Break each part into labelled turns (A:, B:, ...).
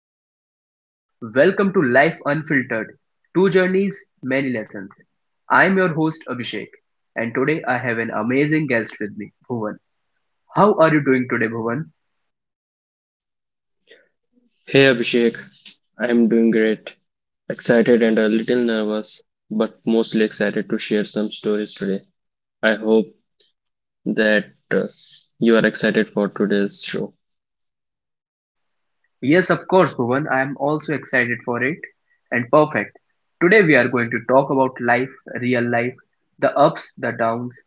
A: Everyone, welcome to Life Unfiltered, Two Journeys, Many Lessons. I'm your host Abhishek, and today I have an amazing guest with me, Bhuvan. How are you doing today, Bhuvan?
B: Hey Abhishek, I'm doing great. Excited and a little nervous, but mostly excited to share some stories today. I hope that uh, you are excited for today's show.
A: Yes, of course, Bhuvan, I am also excited for it. And perfect. Today we are going to talk about life, real life, the ups, the downs,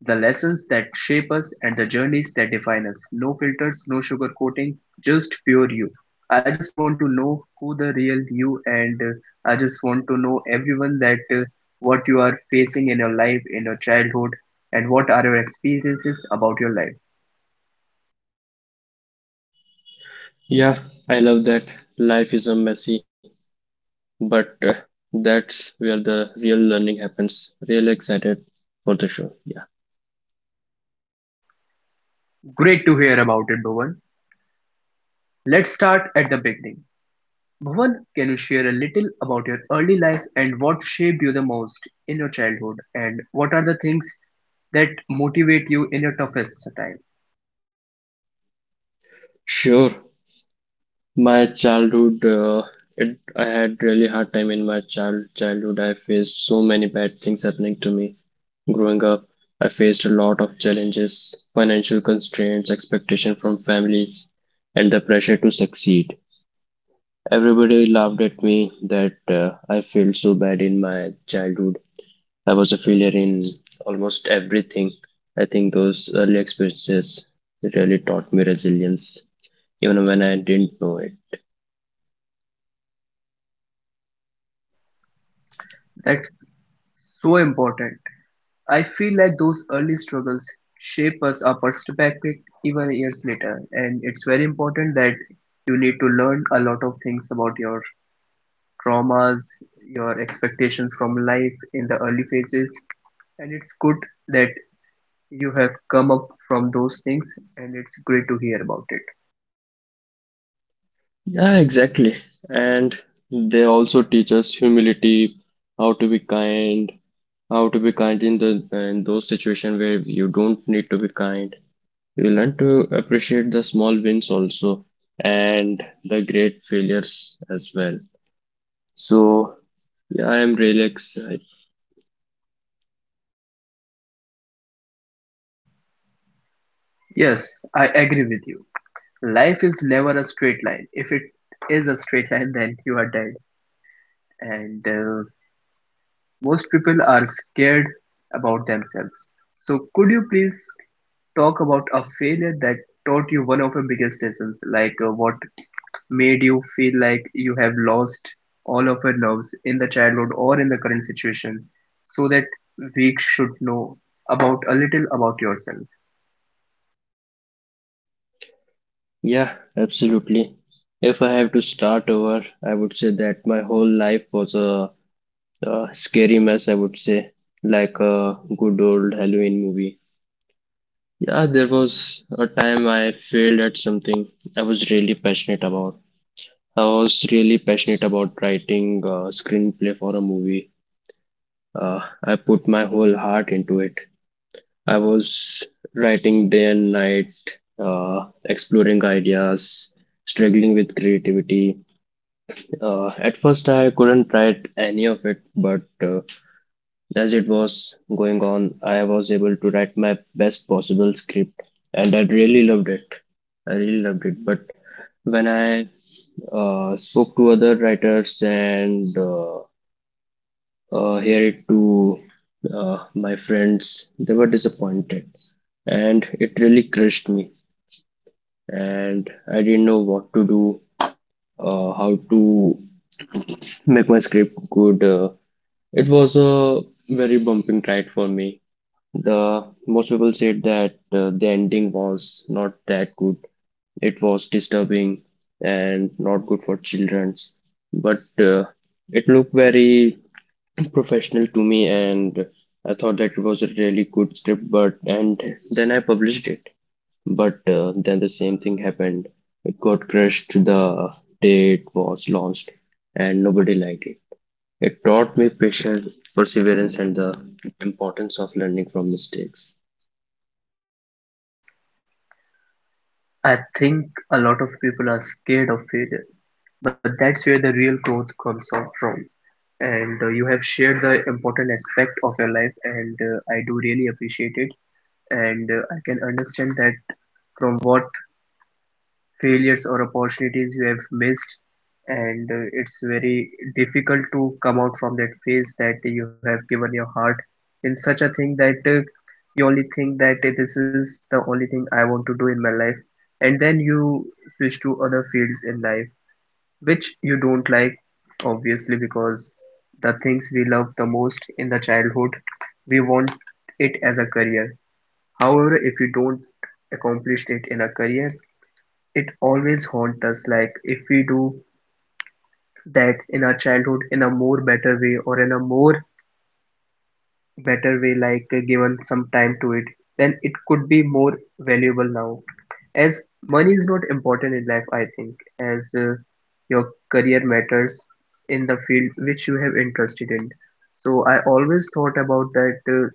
A: the lessons that shape us and the journeys that define us. No filters, no sugarcoating, just pure you. I just want to know who the real you and I just want to know everyone that what you are facing in your life, in your childhood, and what are your experiences about your life.
B: Yeah, I love that. Life is a messy, but that's where the real learning happens. Really excited for the show. Yeah.
A: Great to hear about it, Bhuvan. Let's start at the beginning. Bhuvan, can you share a little about your early life and what shaped you the most in your childhood, and what are the things that motivate you in your toughest time?
B: Sure. My childhood, it, I had really hard time in my childhood. I faced so many bad things happening to me. Growing up, I faced a lot of challenges, financial constraints, expectation from families, and the pressure to succeed. Everybody laughed at me that I felt so bad in my childhood. I was a failure in almost everything. I think those early experiences really taught me resilience, even when I didn't know it.
A: That's so important. I feel like those early struggles shape us our perspective even years later, and it's very important that you need to learn a lot of things about your traumas, your expectations from life in the early phases, and it's good that you have come up from those things, and it's great to hear about it.
B: Yeah, exactly. And they also teach us humility, how to be kind, how to be kind in the in those situations where you don't need to be kind. You learn to appreciate the small wins also and the great failures as well. So yeah, I am really excited.
A: Yes, I agree with you. Life is never a straight line. If it is a straight line, then you are dead. And most people are scared about themselves. So could you please talk about a failure that taught you one of your biggest lessons, like, what made you feel like you have lost all of your nerves in the childhood or in the current situation, so that we should know about a little about yourself.
B: Yeah, absolutely. If I have to start over, I would say that my whole life was a scary mess, I would say, like a good old Halloween movie. Yeah, there was a time I failed at something I was really passionate about. I was really passionate about writing a screenplay for a movie. Uh, I put my whole heart into it. I was writing day and night, exploring ideas, struggling with creativity. At first, I couldn't write any of it, but as it was going on, I was able to write my best possible script, and I really loved it. I really loved it. But when I spoke to other writers and here it to my friends, they were disappointed, and it really crushed me, and I didn't know what to do, how to make my script good. It was a very bumping ride for me. The most people said that the ending was not that good. It was disturbing and not good for childrens. But it looked very professional to me, and I thought that it was a really good script. But and then I published it. But then the same thing happened. It got crushed the day it was launched and nobody liked it. It taught me patience, perseverance, and the importance of learning from mistakes.
A: I think a lot of people are scared of failure, but that's where the real growth comes out from. And you have shared the important aspect of your life, and I do really appreciate it. And I can understand that from what failures or opportunities you have missed. And it's very difficult to come out from that phase, that you have given your heart in such a thing that you only think that this is the only thing I want to do in my life, and then you switch to other fields in life which you don't like, obviously, because the things we love the most in the childhood, we want it as a career. However, if we don't accomplish it in a career, it always haunts us, like if we do that in our childhood in a more better way, or in a more better way, like, given some time to it, then it could be more valuable now, as money is not important in life, I think, as your career matters in the field which you have interested in. So I always thought about that,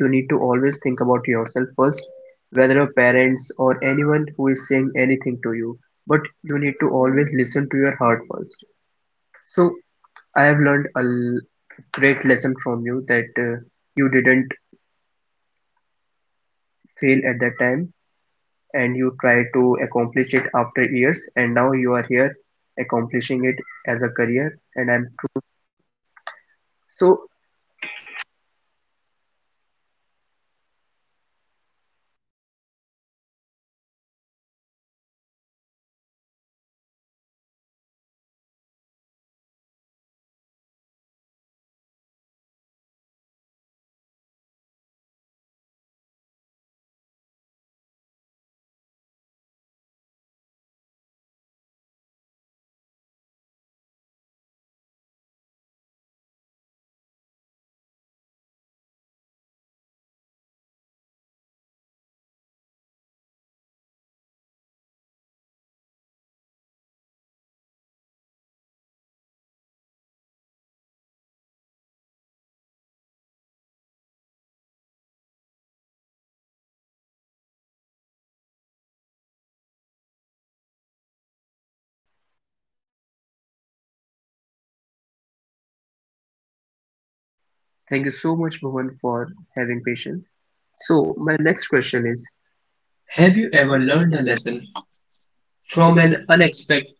A: you need to always think about yourself first, whether your parents or anyone who is saying anything to you, but you need to always listen to your heart first. So I have learned a great lesson from you, that you didn't fail at that time, and you try to accomplish it after years, and now you are here accomplishing it as a career. Thank you so much, Bhuvan, for having patience. So my next question is:
B: Have
A: Have
B: you
A: you
B: ever
A: ever
B: learned
A: learned a
B: a
A: lesson
B: lesson from
A: from an
B: an
A: unex-
B: unexpected?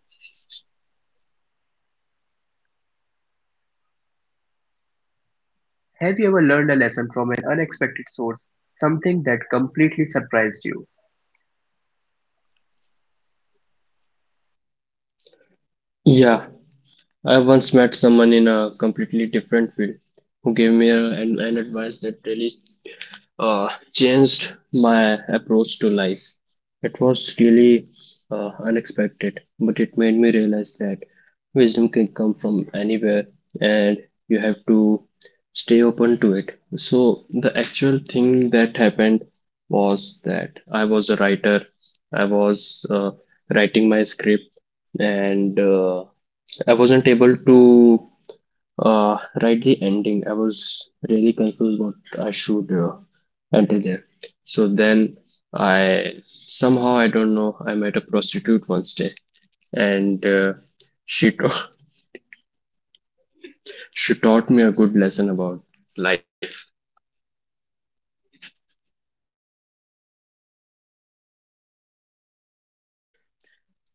A: Have you ever learned a lesson from an unexpected source? Something that completely surprised you?
B: Yeah, I once met someone in a completely different field who gave me an advice that really changed my approach to life. It was really unexpected, but it made me realize that wisdom can come from anywhere and you have to stay open to it. So, the actual thing that happened was that I was a writer. I was writing my script, and I wasn't able to right, the ending. I was really confused what I should enter there. So then I somehow I don't know. I met a prostitute one day, and she ta- she taught me a good lesson about life,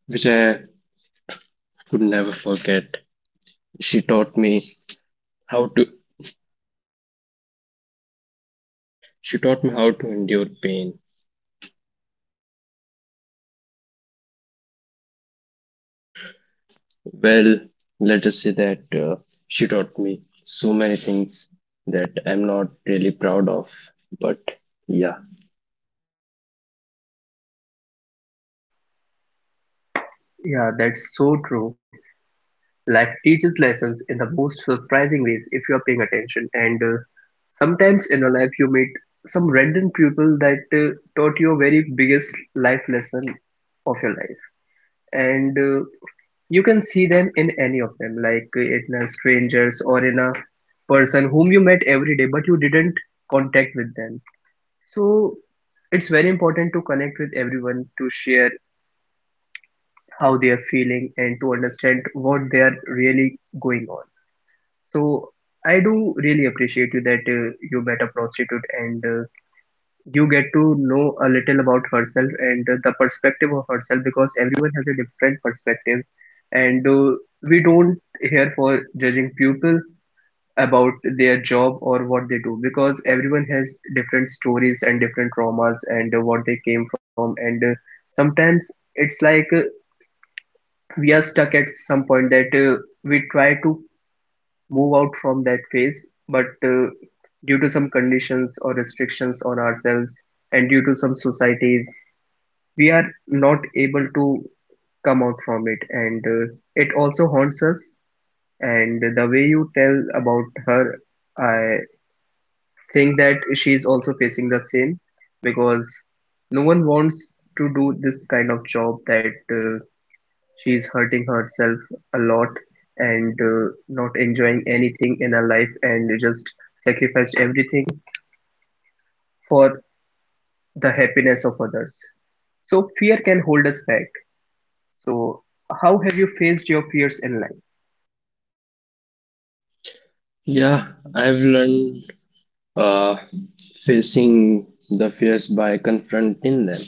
B: which I could never forget. She taught me how to she taught me how to endure pain. Well, let us say that she taught me so many things that I'm not really proud of, but yeah.
A: Yeah, that's so true. Life teaches lessons in the most surprising ways if you are paying attention. Sometimes in your life, you meet some random people that taught you a very biggest life lesson of your life. And you can see them in any of them, like, in a strangers or in a person whom you met every day, but you didn't contact with them. So it's very important to connect with everyone, to share how they are feeling and to understand what they are really going on. So I do really appreciate you that you met a prostitute and you get to know a little about herself, and the perspective of herself, because everyone has a different perspective. And we don't here for judging people about their job or what they do, because everyone has different stories and different traumas and what they came from. And sometimes it's like, we are stuck at some point that we try to move out from that phase, but due to some conditions or restrictions on ourselves, and due to some societies, we are not able to come out from it, and it also haunts us. And the way you tell about her, I think that she's also facing the same, because no one wants to do this kind of job, that she's hurting herself a lot, and not enjoying anything in her life, and just sacrifice everything for the happiness of others. So fear can hold us back. So, how have you faced your fears in life?
B: Yeah, I've learned uh, facing the fears by confronting them.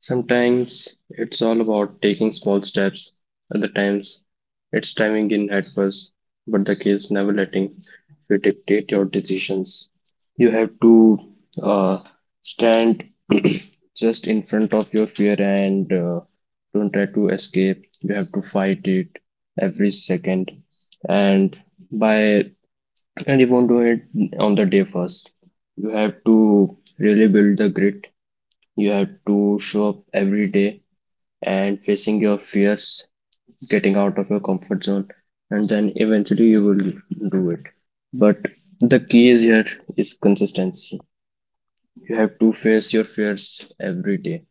B: Sometimes it's all about taking small steps, other times it's diving in head first, but the key is never letting you dictate your decisions. You have to uh, stand just in front of your fear and don't try to escape. You have to fight it every second. And by and you won't do it on the day first. You have to really build the grit. You have to show up every day and facing your fears, getting out of your comfort zone, and then eventually you will do it. But the key is here is consistency. You have to face your fears every day.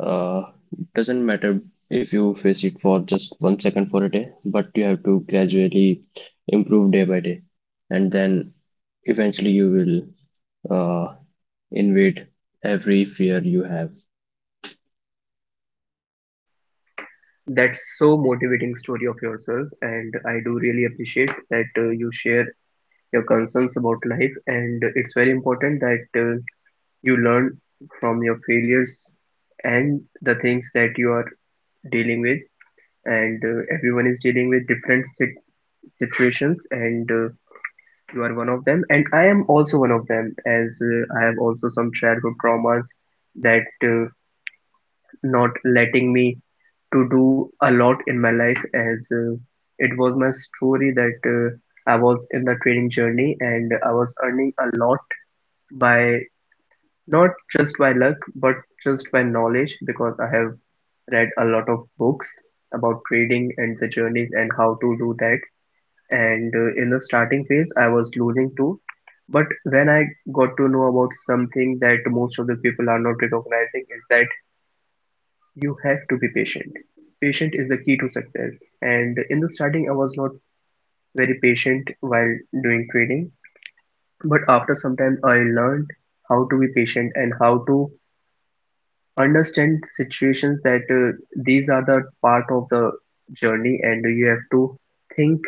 B: Uh, it doesn't matter if you face it for just one second for a day, but you have to gradually improve day by day, and then eventually you will uh, invade every fear you have.
A: That's so motivating story of yourself, and I do really appreciate that you share your concerns about life. And it's very important that you learn from your failures and the things that you are dealing with. And everyone is dealing with different situations, and you are one of them. And I am also one of them, as I have also some childhood traumas that not letting me to do a lot in my life, as it was my story that I was in the trading journey and I was earning a lot by not just by luck but just by knowledge, because I have read a lot of books about trading and the journeys and how to do that. And in the starting phase I was losing too, but when I got to know about something that most of the people are not recognizing, is that you have to be patient. Patient is the key to success. And in the starting, I was not very patient while doing trading. But after some time, I learned how to be patient and how to understand situations, that these are the part of the journey, and you have to think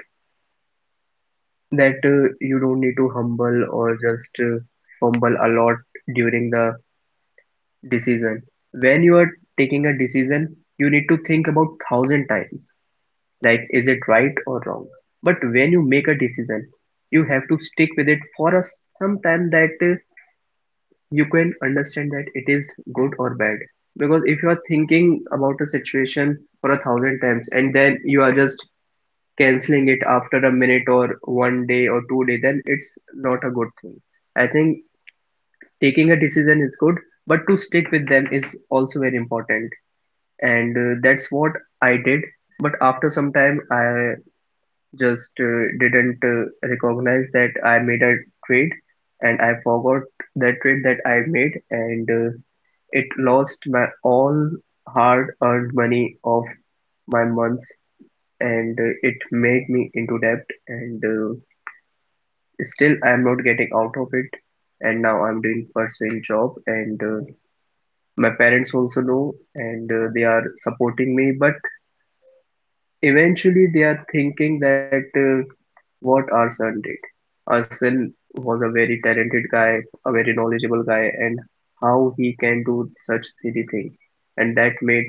A: that you don't need to humble or just fumble a lot during the decision. When you are taking a decision, you need to think about thousand times, like is it right or wrong, but when you make a decision you have to stick with it for a some time, that you can understand that it is good or bad. Because if you are thinking about a situation for a thousand times and then you are just canceling it after a minute or one day or 2 day, then it's not a good thing, I think. Taking a decision is good, but to stick with them is also very important. And that's what I did, but after some time I just didn't recognize that I made a trade, and I forgot the trade that I made. And it lost my all hard earned money of my months, and it made me into debt. And still I'm not getting out of it, and now I'm doing pursuing job. And my parents also know, and they are supporting me, but eventually they are thinking that what our son did. Our son was a very talented guy, a very knowledgeable guy, and how he can do such silly things. And that made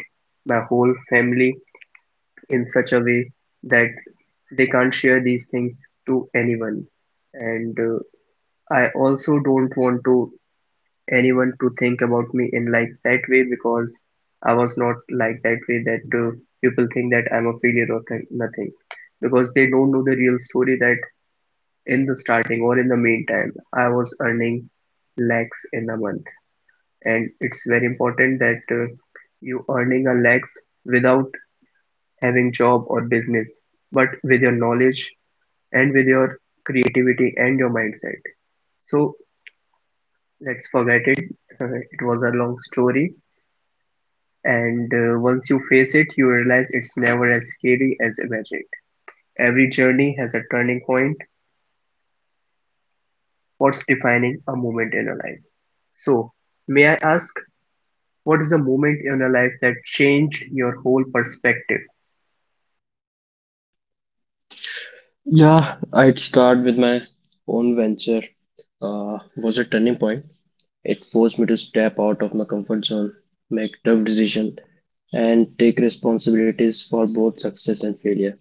A: my whole family in such a way that they can't share these things to anyone. And I also don't want to anyone to think about me in like that way, because I was not like that way, that people think that I'm a failure or nothing, because they don't know the real story, that in the starting or in the meantime I was earning lakhs in a month. And it's very important that you earning a lakhs without having job or business, but with your knowledge and with your creativity and your mindset. So let's forget it, it was a long story. And once you face it, you realize it's never as scary as imagined. Every journey has a turning point. What's defining a moment in your life? So, may I ask, what is a moment in your life that changed your whole perspective?
B: Yeah, I'd start with my own venture. Was a turning point. It forced me to step out of my comfort zone, make tough decisions, and take responsibilities for both success and failure.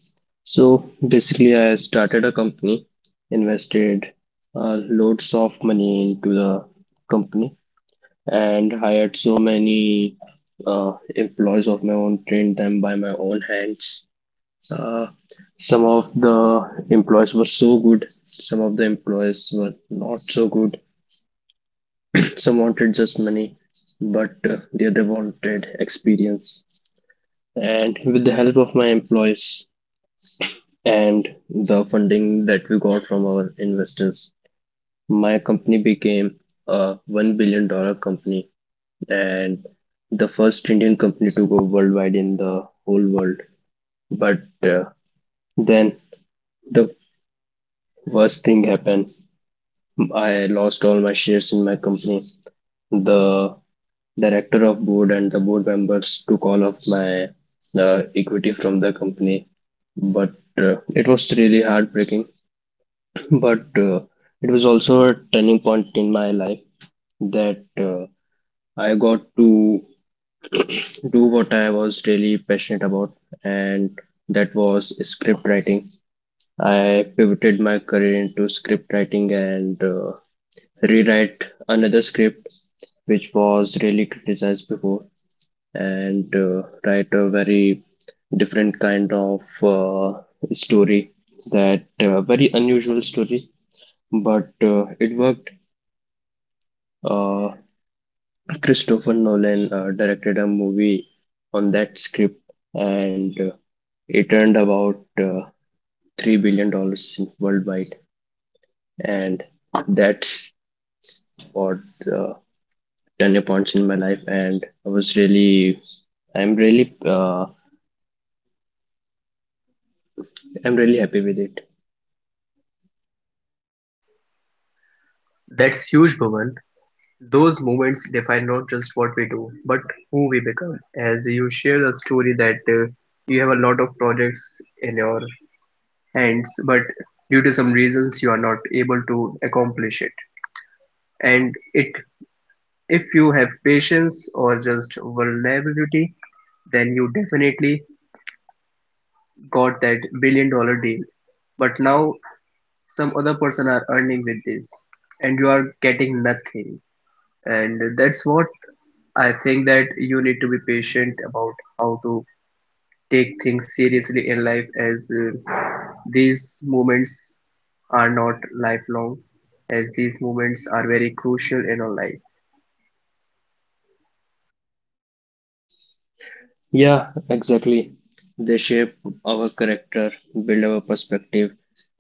B: So basically, I started a company, invested loads of money into the company, and hired so many employees of my own, trained them by my own hands. Uh, some of the employees were so good, some of the employees were not so good. Some wanted just money, but the other wanted experience. And with the help of my employees and the funding that we got from our investors, my company became a $1 billion dollar company and the first Indian company to go worldwide in the whole world. But then the worst thing happens. I lost all my shares in my company. The director of board and the board members took all of my equity from the company. But it was really heartbreaking. But it was also a turning point in my life, that I got to do what I was really passionate about, and that was script writing. I pivoted my career into script writing and rewrite another script which was really criticized before and write a very different kind of story, that very unusual story, but it worked. uh, Christopher Nolan directed a movie on that script, and it earned about $3 billion worldwide, and that's what uh, turning points in my life, and I was really I'm really I'm really happy with it.
A: That's huge, Bhuvan. Those moments define not just what we do, but who we become. As you share a story that you have a lot of projects in your hands, but due to some reasons you are not able to accomplish it, and it. If you have patience or just vulnerability, then you definitely got that billion dollar deal. But now some other person are earning with this and you are getting nothing. And that's what I think that you need to be patient about how to take things seriously in life as these moments are not lifelong as these moments are very crucial in our life.
B: Yeah, exactly. They shape our character, build our perspective,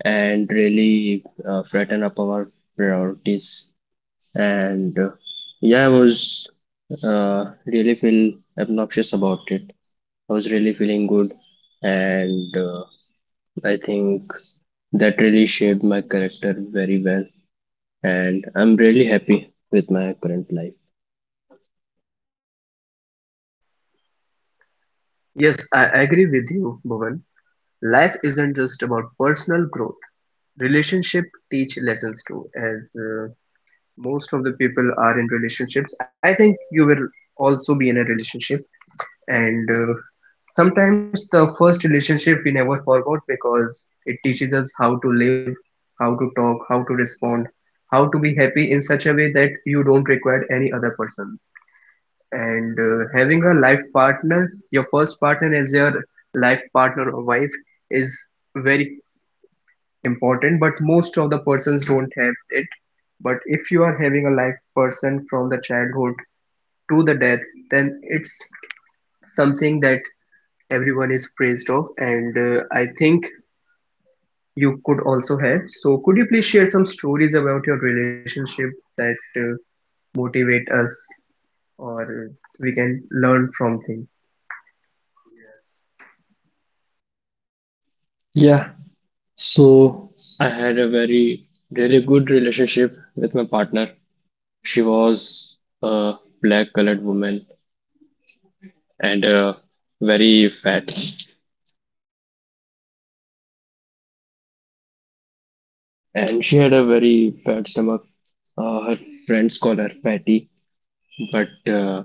B: and really flatten up our priorities. And yeah, I was really feel obnoxious about it. I was really feeling good, and I think that really shaped my character very well. And I'm really happy with my current life.
A: Yes, I agree with you, Bhuvan. Life isn't just about personal growth. Relationship teach lessons too. As Most of the people are in relationships, I think you will also be in a relationship. And sometimes the first relationship we never forgot because it teaches us how to live, how to talk, how to respond, how to be happy in such a way that don't require any other person. And having a life partner, your first partner as your life partner or wife is very important, but most of the persons don't have it. But if you are having a live person from the childhood to the death, then it's something that everyone is praised of, and I think you could also have. So, could you please share some stories about your relationship that motivate us, or we can learn from them?
B: Yeah, so I had a very really good relationship with my partner. She was a black colored woman and very fat, and she had a very fat stomach. Her friends call her fatty, but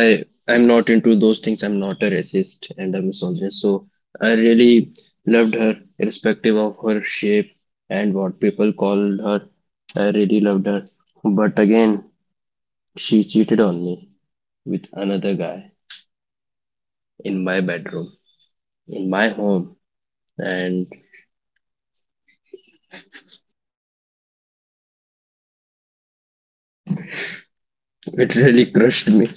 B: I I'm not into those things. I'm not a racist and a misogynist, so I really loved her, irrespective of her shape and what people called her. I really loved her, but again. She cheated on me with another guy in my bedroom, in my home, and it really crushed me.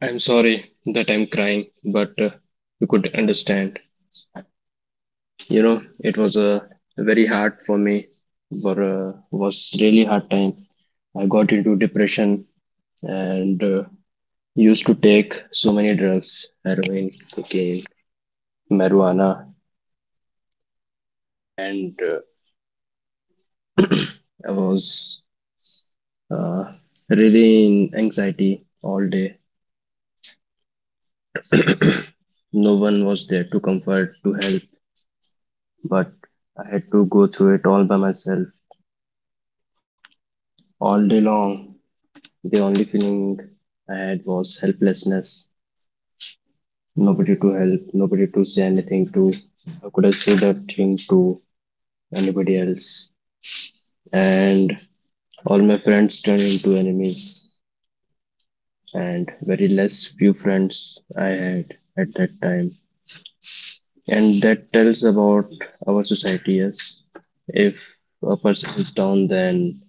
B: I'm sorry that I'm crying, but you could understand. You know, it was very hard for me. But was really hard time. I got into depression and used to take so many drugs, heroin, cocaine, marijuana, and uh, I was uh, really in anxiety all day. No one was there to comfort, to help, but I had to go through it all by myself, all day long. The only feeling I had was helplessness. Nobody to help, nobody to say anything to. How could I say that thing to anybody else? And all my friends turned into enemies, and very less few friends I had at that time. And that tells about our society, yes. If a person is down, then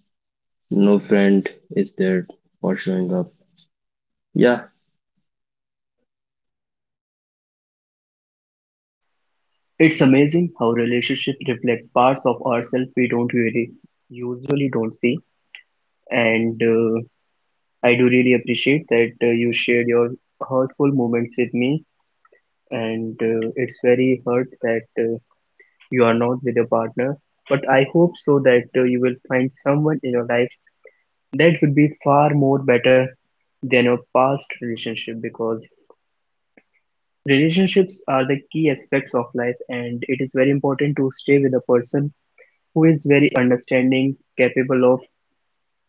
B: no friend is there for showing up. Yeah,
A: It's amazing how relationships reflect parts of ourselves we don't really usually don't see, and I do really appreciate that you shared your hurtful moments with me, and it's very hurt that you are not with your partner. But I hope so that you will find someone in your life that would be far more better than your past relationship because relationships are the key aspects of life, and it is very important to stay with a person who is very understanding, capable of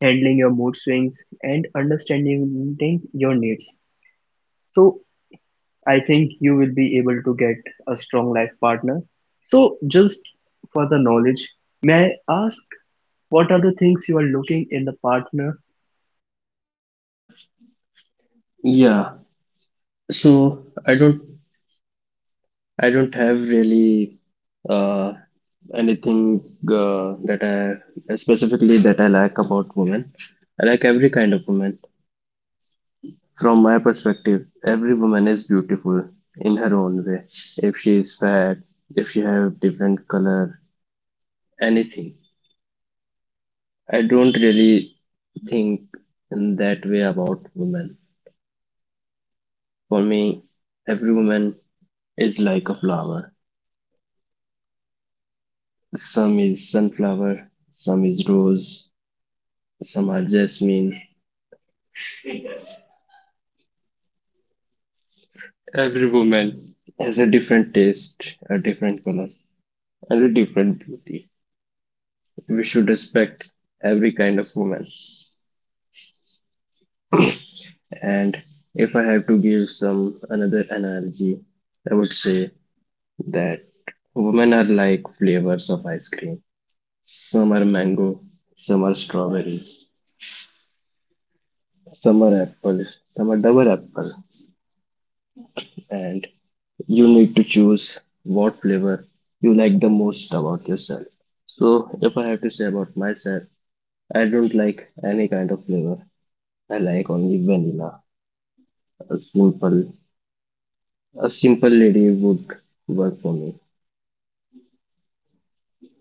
A: handling your mood swings, and understanding your needs. So I think you will be able to get a strong life partner. So, just for the knowledge, may I ask what are the things you are looking in the partner?
B: yeah. So I don't, I don't have really uh, anything that I specifically that I like about women. I like every kind of woman. From my perspective, every woman is beautiful in her own way. If she is fat, if she have different color, anything. I don't really think in that way about women. For me, every woman is like a flower. Some is sunflower, some is rose, some are jasmine. Every woman has a different taste, a different color, and a different beauty. We should respect every kind of woman. And if I have to give some another analogy, I would say that women are like flavors of ice cream. Some are mango, some are strawberries, some are apple, some are double apple, and you need to choose what flavor you like the most about yourself. So, if I have to say about myself, I don't like any kind of flavor. I like only vanilla. A simple, a simple lady would work for me.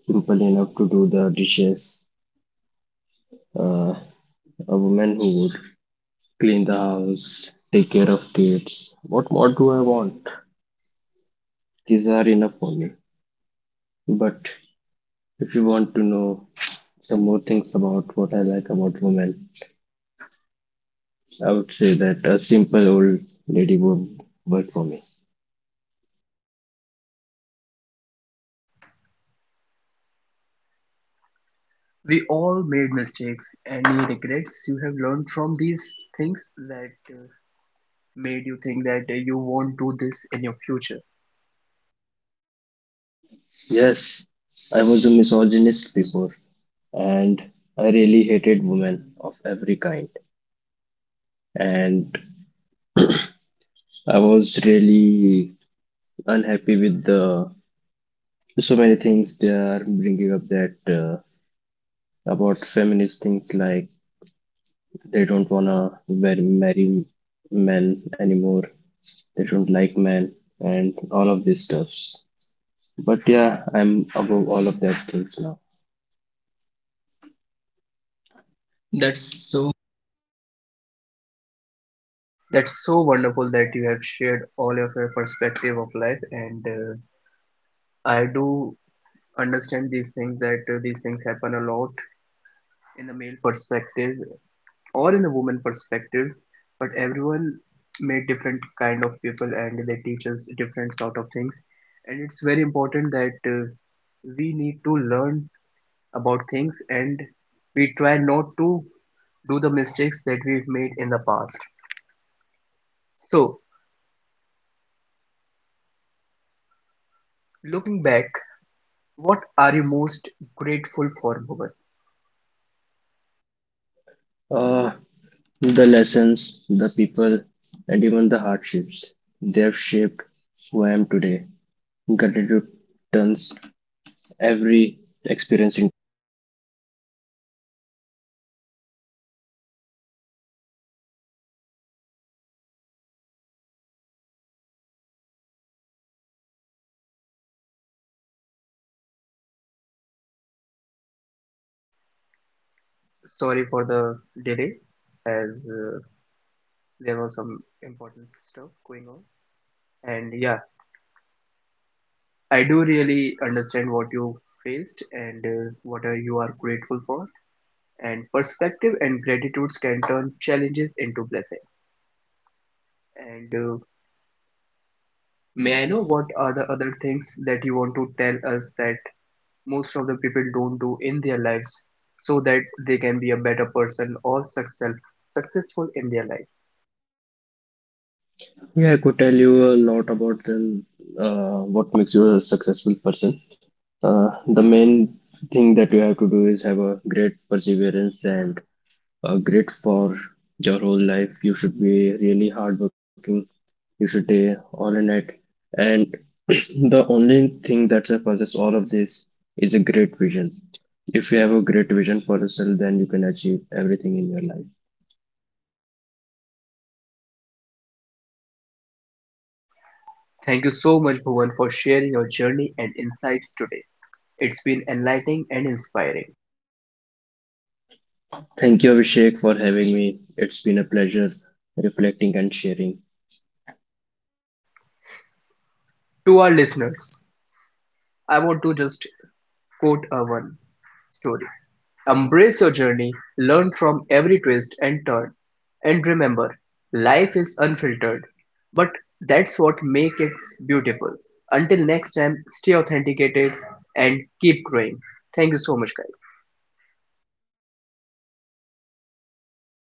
B: Simple enough to do the dishes. Uh, a woman who would clean the house, take care of kids. What more do I want? These are enough for me. But if you want to know some more things about what I like about women. I would say that a simple old lady would work for me.
A: We all made mistakes. Any regrets you have learned from these things that made you think that you won't do this in your future?
B: Yes, I was a misogynist before, and I really hated women of every kind. And I was really unhappy with the so many things they are bringing up that about feminist things like they don't wanna marry men anymore, they don't like men, and all of these stuffs. But yeah, I'm above all of that things now. That's so.
A: That's so wonderful that you have shared all of your perspective of life, and I do understand these things that these things happen a lot in the male perspective or in a woman perspective, but everyone made different kind of people and they teach us different sort of things, and it's very important that we need to learn about things and we try not to do the mistakes that we've made in the past. So, looking back, what are you most grateful for, Bhuvan?
B: Uh, the lessons, the people, and even the hardships they have shaped who I am today. Gratitude turns every experience into.
A: Sorry for the delay as there was some important stuff going on, and yeah, I do really understand what you faced and you are grateful for. And perspective and gratitudes can turn challenges into blessing. And may I know what are the other things that you want to tell us that most of the people don't do in their lives so that they can be a better person or successful in their lives?
B: Yeah, I could tell you a lot about them, what makes you a successful person. Uh, the main thing that you have to do is have a great perseverance and great for your whole life. You should be really hardworking. You should stay all in it. And the only thing that surpasses all of this is a great vision. If you have a great vision for yourself, then you can achieve everything in your life.
A: Thank you so much, Bhuvan, for sharing your journey and insights today. It's been enlightening and inspiring.
B: Thank you, Abhishek, for having me. It's been a pleasure reflecting and sharing.
A: To our listeners, I want to just quote a one. Story. Embrace your journey, learn from every twist and turn, and remember, life is unfiltered, but that's what makes it beautiful. Until next time, stay authenticated and keep growing. Thank you so much, guys.